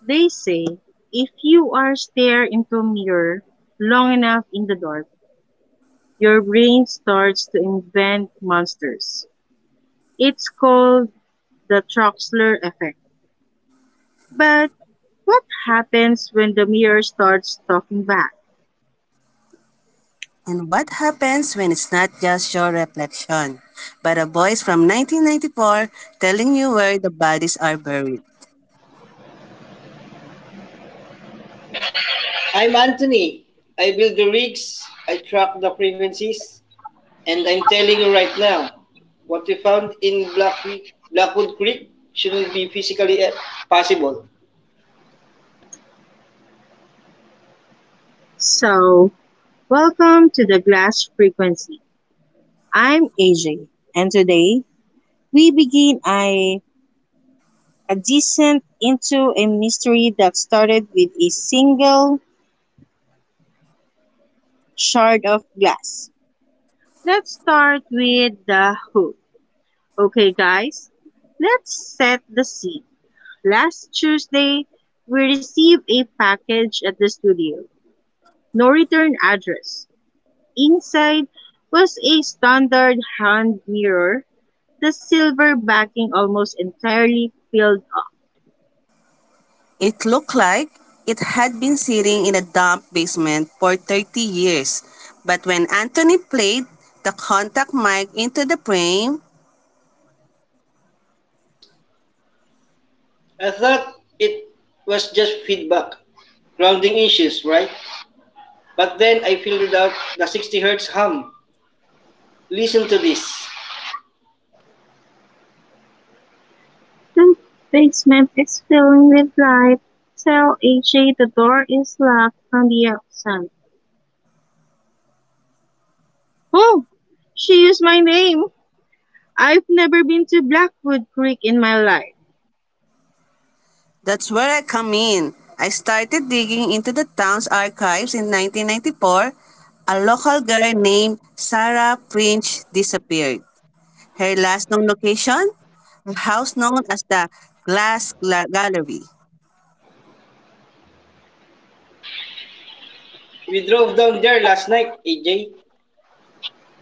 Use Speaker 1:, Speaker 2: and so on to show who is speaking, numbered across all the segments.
Speaker 1: They say if you are stare into a mirror long enough in the dark, your brain starts to invent monsters. It's called the Troxler effect. But what happens when the mirror starts talking back?
Speaker 2: And what happens when it's not just your reflection, but a voice from 1994 telling you where the bodies are buried?
Speaker 3: I'm Anthony. I build the rigs, I track the frequencies, and I'm telling you right now, what we found in Blackwood Creek shouldn't be physically possible.
Speaker 1: So, Welcome to the Glass Frequency. I'm AJ, and today we begin a descent into a mystery that started with a single shard of glass. Let's start with the hook. Okay, guys, let's set the scene. Last Tuesday, we received a package at the studio. No return address. Inside was a standard hand mirror, the silver backing almost entirely filled up.
Speaker 2: It looked like it had been sitting in a damp basement for 30 years. But when Anthony played the contact mic into the frame,
Speaker 3: I thought it was just feedback, grounding issues, right? But then I figured out the 60 hertz hum. Listen to this.
Speaker 1: The basement is filling with light. Tell AJ the door is locked on the outside. Oh, she used my name. I've never been to Blackwood Creek in my life.
Speaker 2: that's where I come in. I started digging into the town's archives in 1994. A local girl named Sarah Fringe disappeared. Her last known location, a house known as the Gallery,
Speaker 3: We drove down there last night, AJ.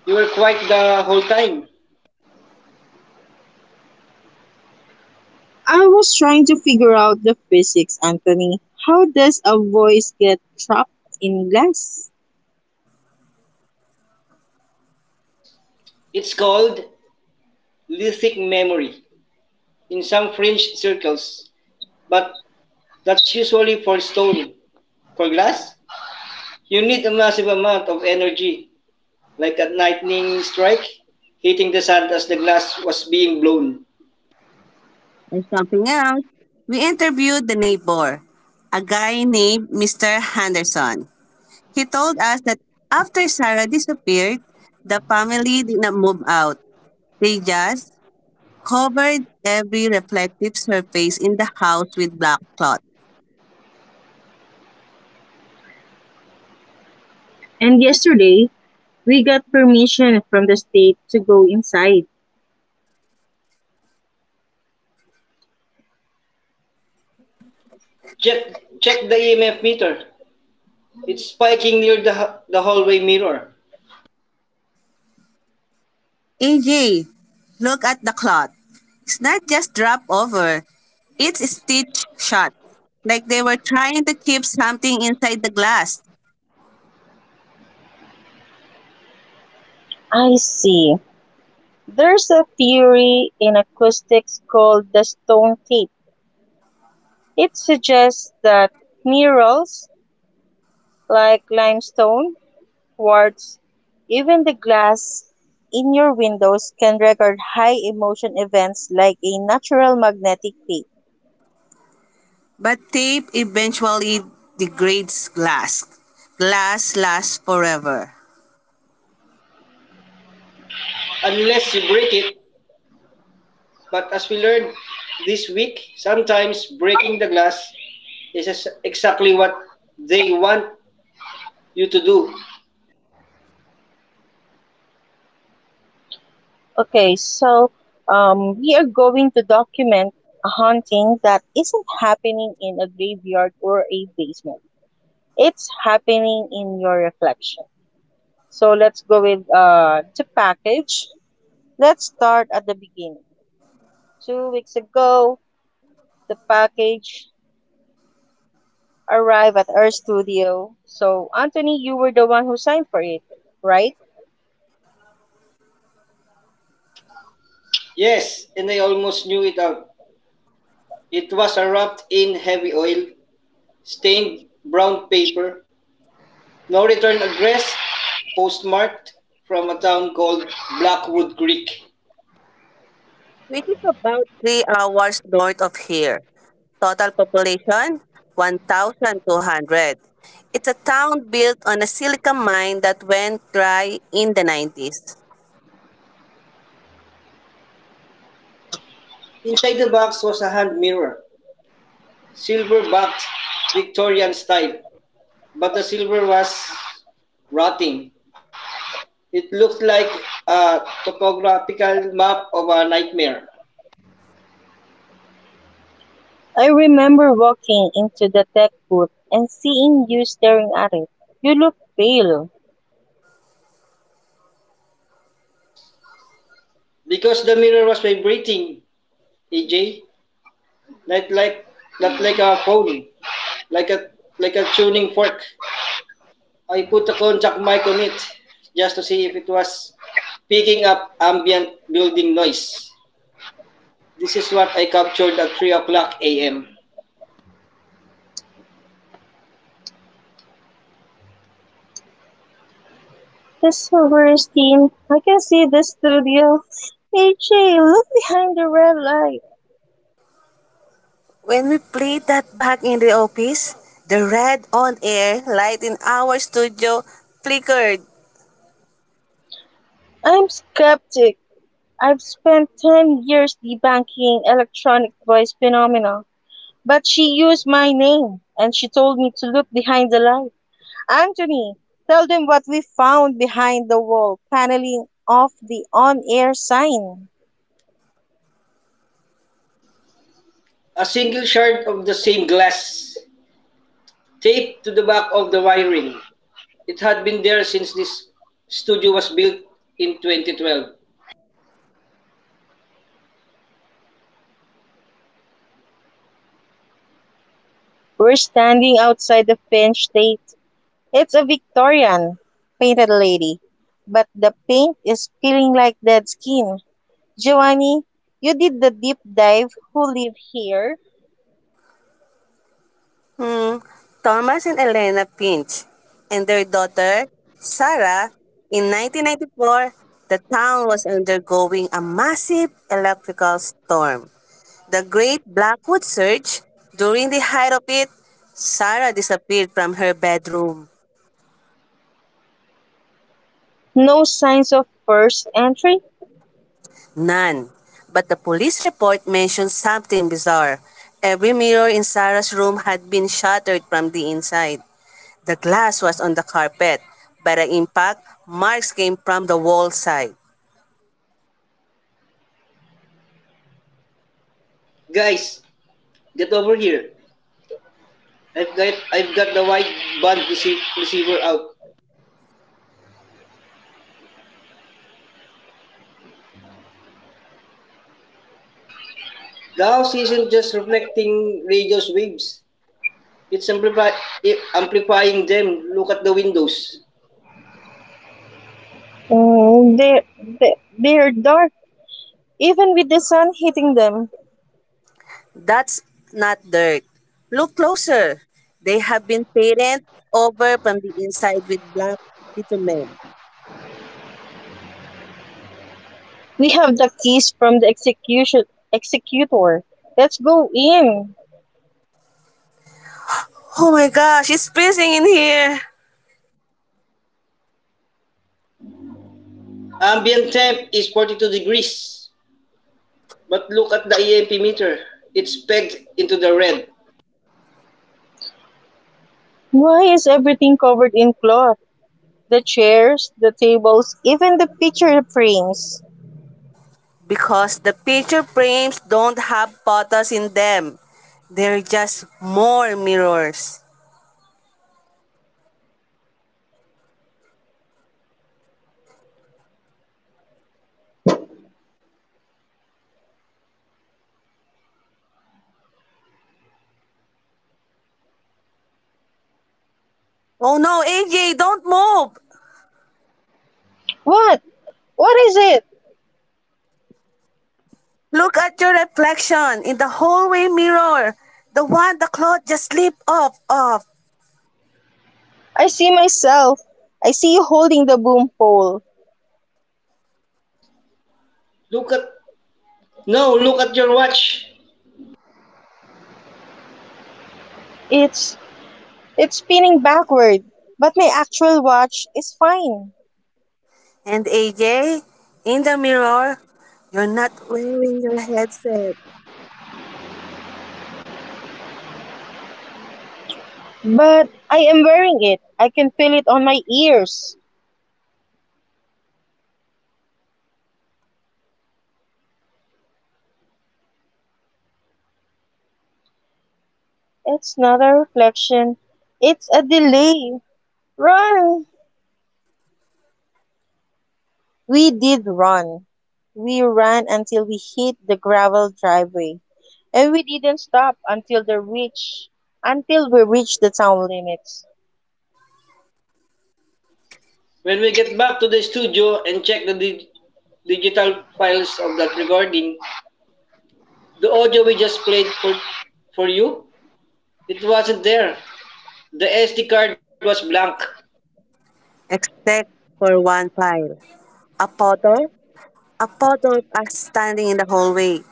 Speaker 3: You were quiet the whole time.
Speaker 1: I was trying to figure out the physics, Anthony. How does a voice get trapped in glass?
Speaker 3: It's called lithic memory. In some fringe circles. But that's usually for stone. For glass, you need a massive amount of energy, like a lightning strike hitting the sand as the glass was being blown.
Speaker 2: or something else. We interviewed the neighbor, a guy named Mr. Henderson. He told us that after Sarah disappeared, the family did not move out. They just covered every reflective surface in the house with black cloth.
Speaker 1: And yesterday, we got permission from the state to go inside.
Speaker 3: Check the EMF meter. It's spiking near the hallway mirror.
Speaker 2: AJ, look at the cloth. It's not just drop over, it's stitched shut. Like they were trying to keep something inside the glass.
Speaker 1: I see. There's a theory in acoustics called the stone tape. It suggests that minerals like limestone words, even the glass in your windows can record high emotion events like a natural magnetic tape.
Speaker 2: But tape eventually degrades glass. Glass lasts forever.
Speaker 3: Unless you break it, but as we learned this week, sometimes breaking the glass is exactly what they want you to do.
Speaker 1: Okay, so we are going to document a haunting that isn't happening in a graveyard or a basement. It's happening in your reflection. So let's go with the package. Let's start at the beginning. 2 weeks ago, the package arrive at our studio. So, Anthony, you were the one who signed for it, right?
Speaker 3: Yes, and I almost knew it out. It was wrapped in heavy oil stained brown paper, no return address, postmarked from a town called Blackwood Creek.
Speaker 2: Which is about 3 hours north of here. Total population 1,200. It's a town built on a silica mine that went dry in the 90s.
Speaker 3: Inside the box was a hand mirror, silver backed Victorian style, but the silver was rotting. It looked like a topographical map of a nightmare.
Speaker 1: I remember walking into the tech booth and seeing you staring at it. You look pale.
Speaker 3: Because the mirror was vibrating, AJ, not like not like a phone, like a like a tuning fork. I put a contact mic on it just to see if it was picking up ambient building noise. This is what I captured at 3 o'clock a.m.
Speaker 1: The Silverstein, I can see the studio. AJ, look behind the red light.
Speaker 2: When we played that back in the office, the red on air light in our studio flickered.
Speaker 1: I'm skeptic. I've spent 10 years debunking electronic voice phenomena. But she used my name and she told me to look behind the light. Anthony, tell them what we found behind the wall paneling of the on air sign.
Speaker 3: A single shard of the same glass taped to the back of the wiring. It had been there since this studio was built in 2012.
Speaker 1: We're standing outside the Finch date. It's a Victorian painted lady, but the paint is peeling like dead skin. Giovanni, you did the deep dive. Who live here?
Speaker 2: Hmm, Thomas and Elena Pinch and their daughter, Sarah, in 1994, the town was undergoing a massive electrical storm. The great Blackwood surge, during the height of it, Sarah disappeared from her bedroom.
Speaker 1: No signs of first entry?
Speaker 2: None. But the police report mentioned something bizarre. Every mirror in Sarah's room had been shattered from the inside. The glass was on the carpet, but the impact marks came from the wall side.
Speaker 3: Guys, get over here. I've got the wide band receiver out. The house isn't just reflecting radio's waves. It's amplifying them. Look at the windows.
Speaker 1: Mm, they're dark, even with the sun hitting them.
Speaker 2: That's not dirt. Look closer. They have been painted over from the inside with black bitumen.
Speaker 1: We have the keys from the execution executor. Let's go in.
Speaker 2: Oh my gosh, it's freezing in here.
Speaker 3: Ambient temp is 42 degrees. But look at the EMP meter. It's pegged into the red.
Speaker 1: Why is everything covered in cloth? The chairs, the tables, even the picture frames.
Speaker 2: Because the picture frames don't have photos in them, they're just more mirrors.
Speaker 3: AJ, don't move.
Speaker 2: Oh no, AJ, don't move!
Speaker 1: What? What is it?
Speaker 3: Look look at
Speaker 2: Look
Speaker 3: your...
Speaker 2: at
Speaker 3: at your
Speaker 2: your
Speaker 3: reflection
Speaker 2: reflection
Speaker 3: in
Speaker 2: in
Speaker 3: the
Speaker 2: the
Speaker 3: hallway
Speaker 2: hallway mirror.
Speaker 3: mirror.
Speaker 2: The
Speaker 3: The
Speaker 2: one the
Speaker 3: one the
Speaker 2: cloth
Speaker 3: cloth
Speaker 2: just
Speaker 3: just
Speaker 2: slipped
Speaker 3: slipped
Speaker 2: off
Speaker 3: off.
Speaker 2: of.
Speaker 1: I see myself. I see you holding the boom pole.
Speaker 3: Look at... No, look at your watch.
Speaker 1: It's it's spinning backward, but my actual watch is fine.
Speaker 2: And AJ, in the mirror, you're not wearing your headset.
Speaker 1: But I am wearing it. I can feel it on my ears. It's not a reflection. It's a delay. Run! We did run. We ran until we hit the gravel driveway, and we didn't stop until we reached the town limits.
Speaker 3: When we get back to the studio and check the digital files of that recording, the audio we just played for you, it wasn't there. The SD card was blank.
Speaker 2: Except for one file. A photo? A photo of us standing in the hallway,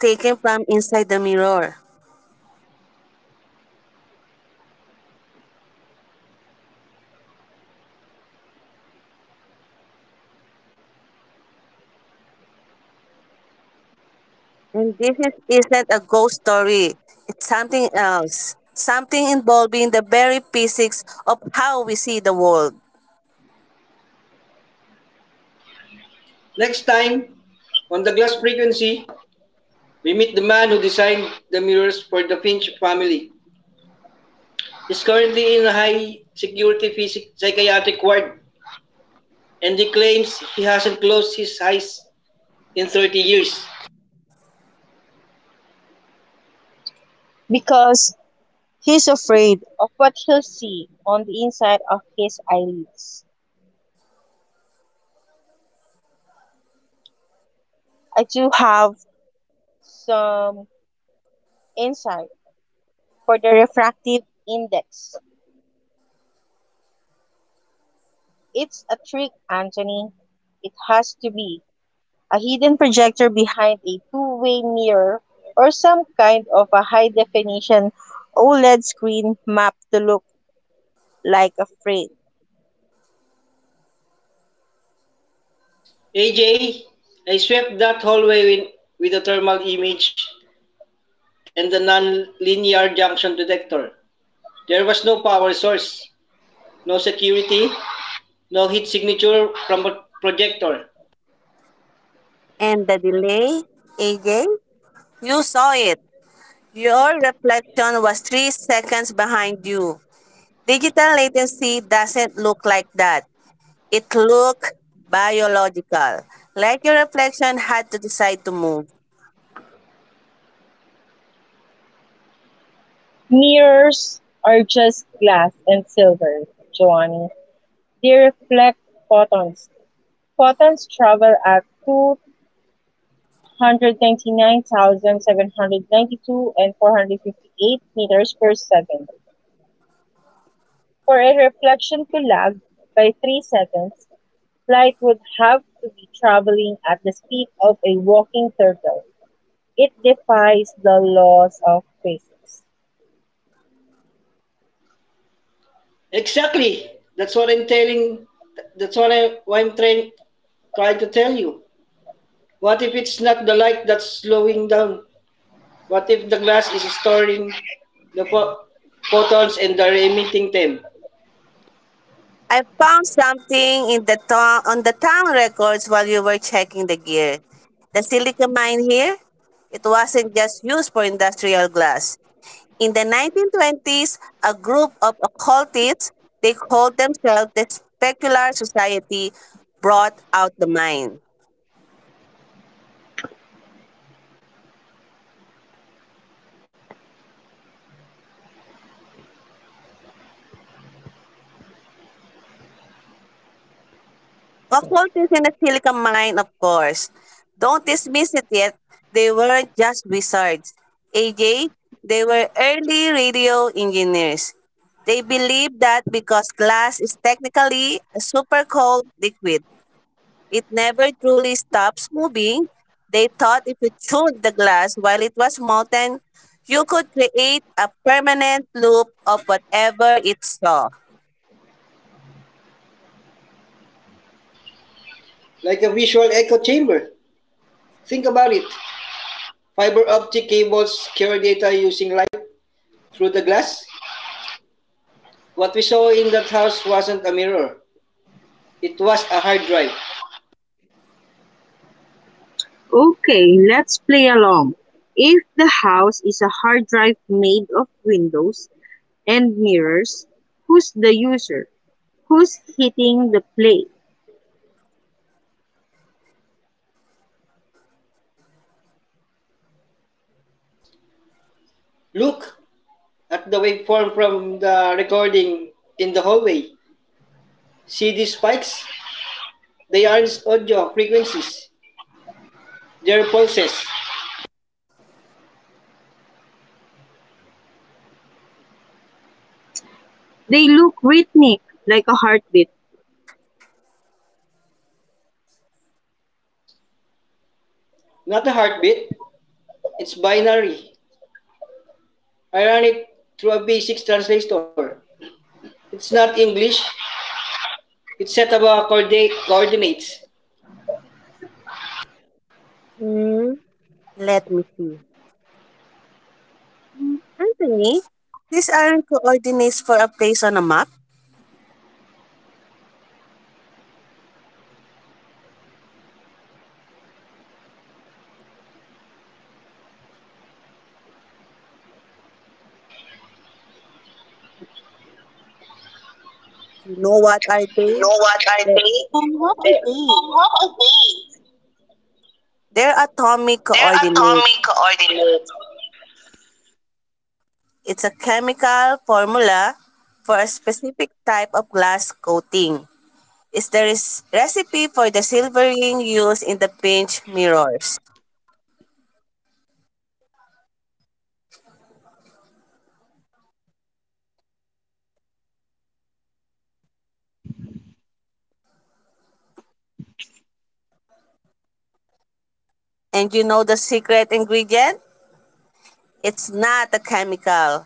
Speaker 2: taken from inside the mirror. And this isn't a ghost story. It's something else. Something involving the very physics of how we see the world.
Speaker 3: Next time, on the glass frequency, we meet the man who designed the mirrors for the Finch family. He's currently in a high security psychiatric ward and he claims he hasn't closed his eyes in 30 years.
Speaker 1: Because he's afraid of what he'll see on the inside of his eyelids. I do have some insight for the refractive index. It's a trick, Anthony. It has to be. A hidden projector behind a two-way mirror, or some kind of a high-definition OLED screen mapped to look like a frame.
Speaker 3: AJ, I swept that hallway in, with a thermal image and the non-linear junction detector. There was no power source, no security, no heat signature from a projector.
Speaker 2: And the delay, AJ? You saw it. Your reflection was 3 seconds behind you. Digital latency doesn't look like that. It looked biological. Like your reflection had to decide to move.
Speaker 1: Mirrors are just glass and silver, Giovanni. They reflect photons. Photons travel at 299,792 and 458 meters per second. For a reflection to lag by 3 seconds, flight would have to be traveling at the speed of a walking turtle. It defies the laws of physics.
Speaker 3: Exactly. That's what I'm telling. That's what, what I'm trying to tell you. What if it's not the light that's slowing down? What if the glass is storing the photons and they're emitting them?
Speaker 2: I found something in the town on the town records while you were checking the gear. The silica mine here, it wasn't just used for industrial glass. In the 1920s, a group of occultists, they called themselves the Specular Society, brought out the mine. Occult is in the Silica Mine, of course. Don't dismiss it yet. They weren't just wizards. AJ, they were early radio engineers. They believed that because glass is technically a super cold liquid, it never truly stops moving. They thought if you chewed the glass while it was molten, you could create a permanent loop of whatever it saw.
Speaker 3: Like a visual echo chamber. Think about it. Fiber optic cables carry data using light through the glass. What we saw in that house wasn't a mirror. It was a hard drive.
Speaker 1: Okay, let's play along. If the house is a hard drive made of windows and mirrors, who's the user? Who's hitting the play?
Speaker 3: Look at the waveform from the recording in the hallway. See these spikes? They aren't audio frequencies. They're pulses.
Speaker 1: They look rhythmic, like a heartbeat.
Speaker 3: Not a heartbeat. It's binary. I ran it through a B6 translator. It's not English. It's set of coordinates.
Speaker 2: Hmm, let me see. Anthony, these aren't coordinates for a place on a map. You know what are
Speaker 3: You
Speaker 2: they?
Speaker 3: know what I
Speaker 2: They're,
Speaker 3: think? They- What are they?
Speaker 2: they're atomic
Speaker 3: They're
Speaker 2: coordinates.
Speaker 3: atomic coordinates.
Speaker 2: It's a chemical formula for a specific type of glass coating. It's the recipe for the silvering used in the pinch mirrors. And you know the secret ingredient? It's not a chemical.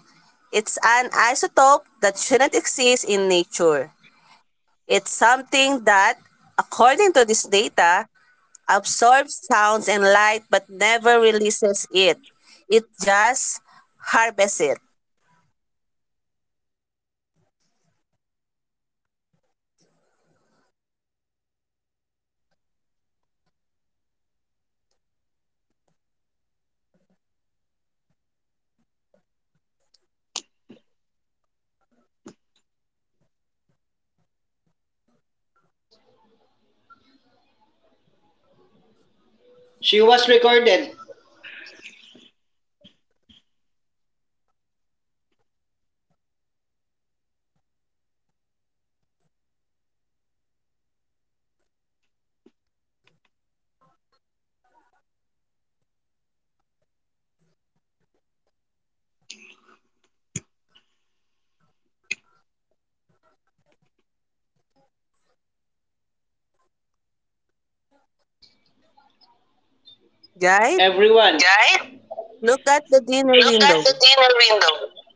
Speaker 2: It's an isotope that shouldn't exist in nature. It's something that, according to this data, absorbs sounds and light but never releases it. It just harvests it.
Speaker 3: She was recorded.
Speaker 2: Guys,
Speaker 3: Everyone, guys,
Speaker 2: look at the dinner
Speaker 3: look
Speaker 2: window.
Speaker 3: at the dinner window.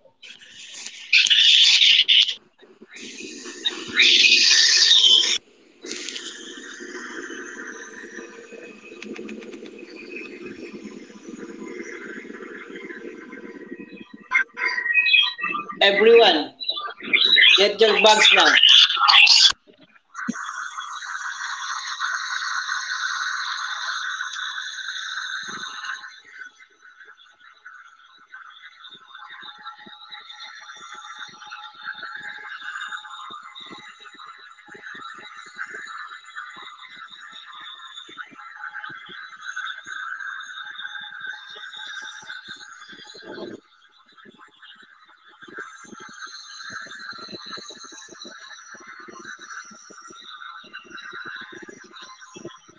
Speaker 3: Everyone, get your bags now.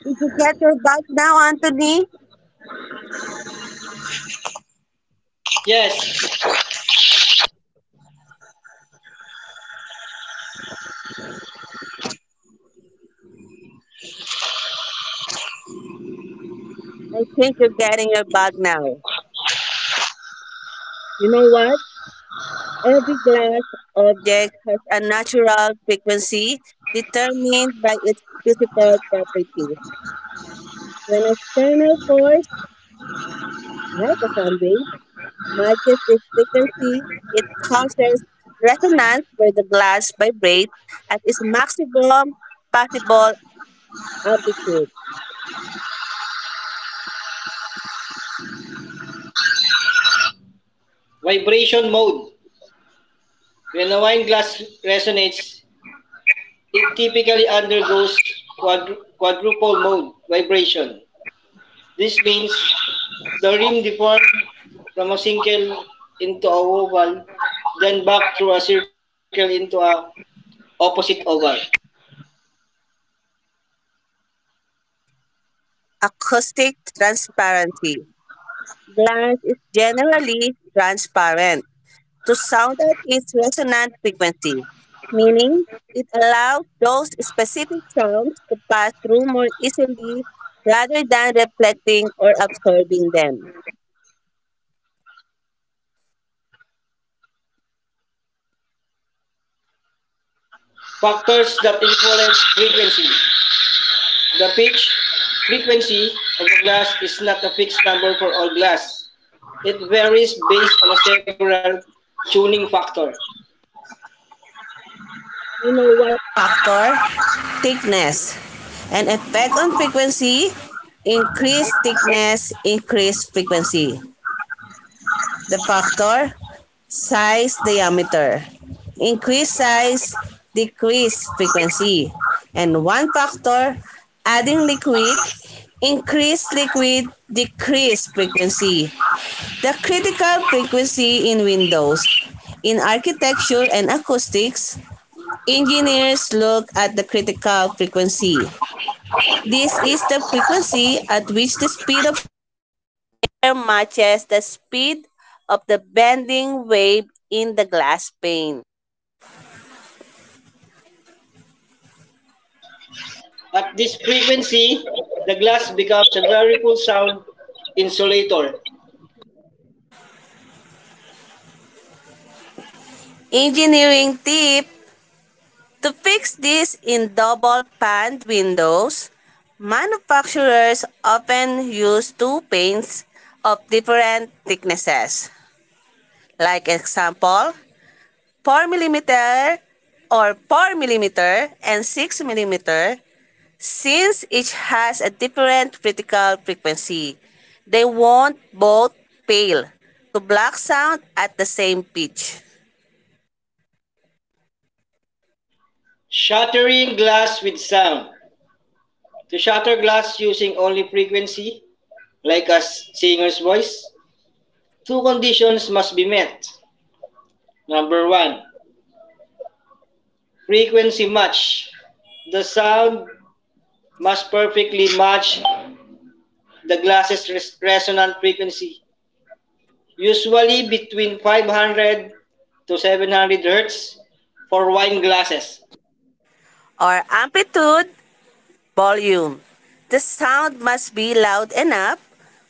Speaker 2: Did you get your bag now, Anthony?
Speaker 3: Yes,
Speaker 2: I think you're getting your bag now. You know what? Every glass object has a natural frequency determined by its physical properties. When external force, like a sound wave, matches this frequency, it causes resonance where the glass vibrates at its maximum possible amplitude.
Speaker 3: vibration mode. When a wine glass resonates, it typically undergoes quadruple mode vibration. This means the rim deforms from a single into a oval, then back through a circle into a opposite oval.
Speaker 2: Acoustic transparency. Glass is generally transparent to sound at its resonant frequency, meaning it allows those specific sounds to pass through more easily rather than reflecting or absorbing them.
Speaker 3: Factors that influence frequency. The pitch frequency of a glass is not a fixed number for all glass. It varies based on several tuning factor.
Speaker 2: You know what? Factor, thickness, and effect on frequency, increased thickness, increased frequency. The factor, size diameter, increased size, decreased frequency. And one factor, adding liquid, increased liquid, decreased frequency. The critical frequency in windows. In architecture and acoustics, engineers look at the critical frequency. This is the frequency at which the speed of air matches the speed of the bending wave in the glass pane.
Speaker 3: At this frequency, the glass becomes a very full sound insulator.
Speaker 2: Engineering tip to fix this in double paned windows, manufacturers often use two panes of different thicknesses. Like example, four mm or four mm and six mm since each has a different critical frequency. They want both pale to black sound at the same pitch
Speaker 3: Shattering glass with sound. To shatter glass using only frequency, like a singer's voice, two conditions must be met. Number one, frequency match. The sound must perfectly match the glass's resonant frequency, usually between 500 to 700 hertz for wine glasses.
Speaker 2: or amplitude volume. The sound must be loud enough,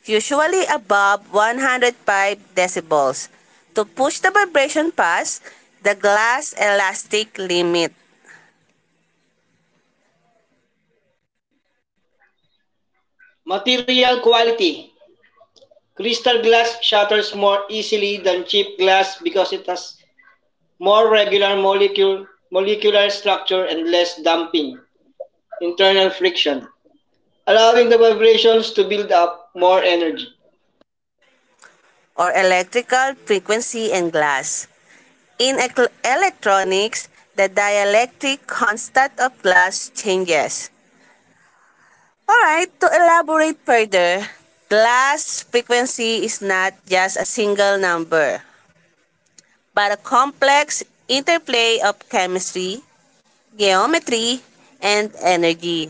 Speaker 2: usually above 105 decibels, to push the vibration past the glass elastic limit.
Speaker 3: Material quality. Crystal glass shatters more easily than cheap glass because it has more regular molecular structure and less damping, internal friction, allowing the vibrations to build up more energy.
Speaker 2: Or electrical frequency and glass. In electronics, the dielectric constant of glass changes. Alright, to elaborate further, glass frequency is not just a single number, but a complex interplay of chemistry, geometry, and energy.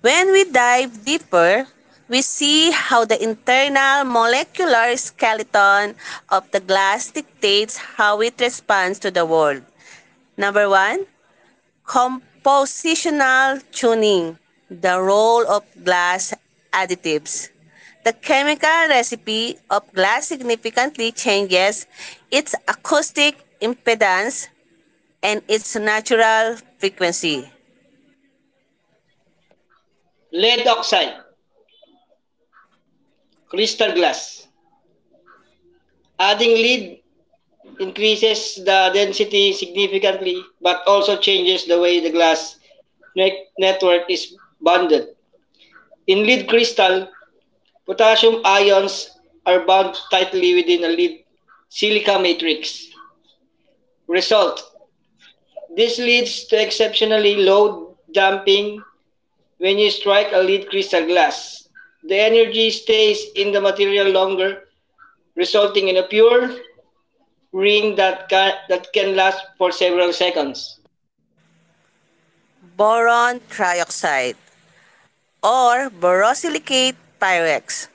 Speaker 2: When we dive deeper, we see how the internal molecular skeleton of the glass dictates how it responds to the world. Number one, compositional tuning, the role of glass additives. The chemical recipe of glass significantly changes its acoustic impedance and its natural frequency.
Speaker 3: Lead oxide, crystal glass. Adding lead increases the density significantly but also changes the way the glass network is bonded. In lead crystal, potassium ions are bound tightly within a lead silica matrix. Result. This leads to exceptionally low damping when you strike a lead crystal glass. The energy stays in the material longer, resulting in a pure ring that that can last for several seconds.
Speaker 2: Boron trioxide or borosilicate pyrex.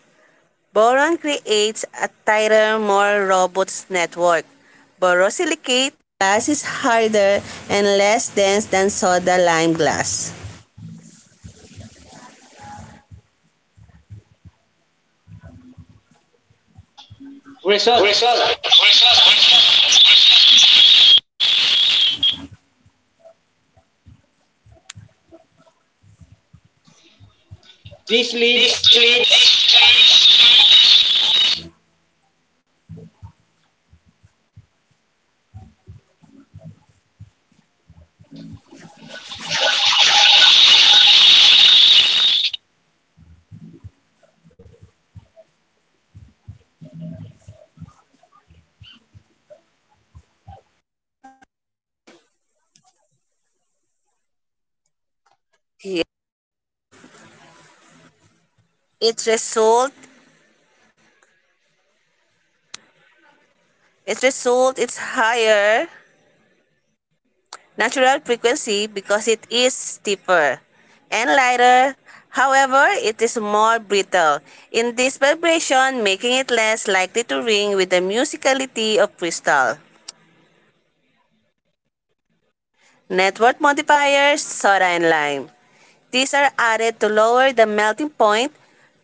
Speaker 2: Boron creates a tighter, more robust network. Borosilicate glass is harder and less dense than soda lime glass.
Speaker 3: Result.
Speaker 2: Result.
Speaker 3: Result. This leads
Speaker 2: This leads Its result, its result is higher natural frequency because it is stiffer and lighter. However, it is more brittle in this vibration, making it less likely to ring with the musicality of crystal. Net worth modifiers, soda and lime. These are added to lower the melting point,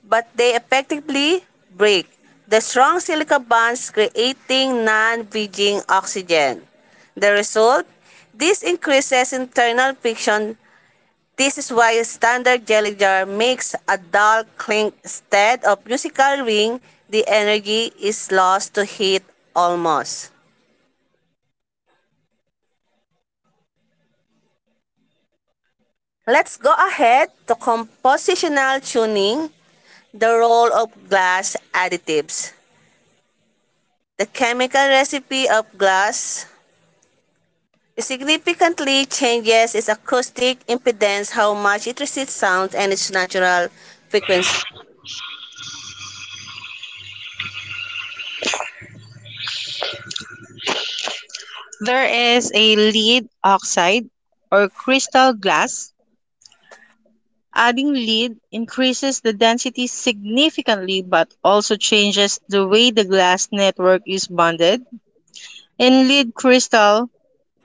Speaker 2: but they effectively break the strong silica bonds creating non-bridging oxygen. The result, this increases internal friction. This is why standard jelly jar makes a dull clink instead of musical ring. The energy is lost to heat almost. Let's go ahead to compositional tuning, the role of glass additives. The chemical recipe of glass significantly changes its acoustic impedance, how much it resists sound, and its natural frequency.
Speaker 1: There is a lead oxide or crystal glass. Adding lead increases the density significantly but also changes the way the glass network is bonded. In lead crystal,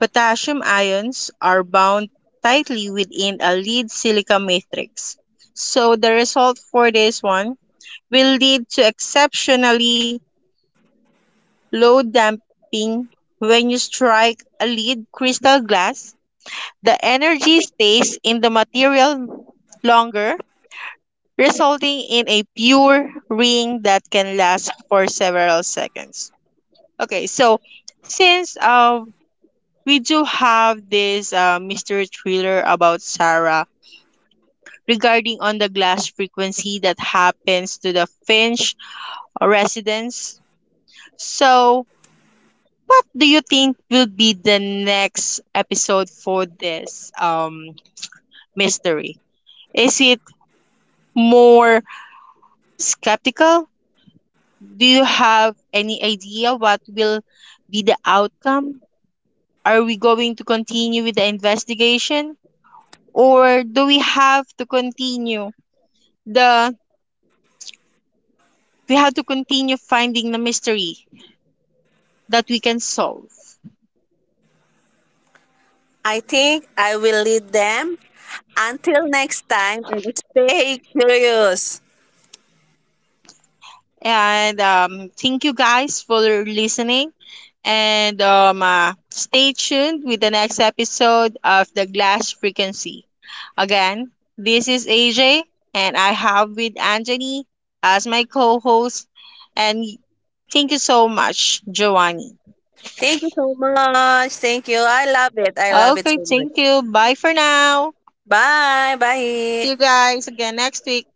Speaker 1: potassium ions are bound tightly within a lead silica matrix. So the result for this one will lead to exceptionally low damping when you strike a lead crystal glass. The energy stays in the material longer resulting in a pure ring that can last for several seconds. Okay, so since we do have this mystery thriller about Sarah regarding on the glass frequency that happens to the Finch residence, so what do you think will be the next episode for this mystery? Is it more skeptical? Do you have any idea what will be the outcome? Are we going to continue with the investigation or do we have to continue the finding the mystery that we can solve?
Speaker 2: I think I will lead them. Until next time, and stay curious.
Speaker 1: And thank you guys for listening. And stay tuned with the next episode of The Glass Frequency. Again, this is AJ, and I have with Anthony as my co host. And thank you so much, Giovanni.
Speaker 2: Thank you so much. Thank you. I love it. I love it
Speaker 1: Okay,
Speaker 2: so much.
Speaker 1: thank you. Bye for now.
Speaker 2: Bye.
Speaker 1: See
Speaker 2: Bye.
Speaker 1: you guys again next week.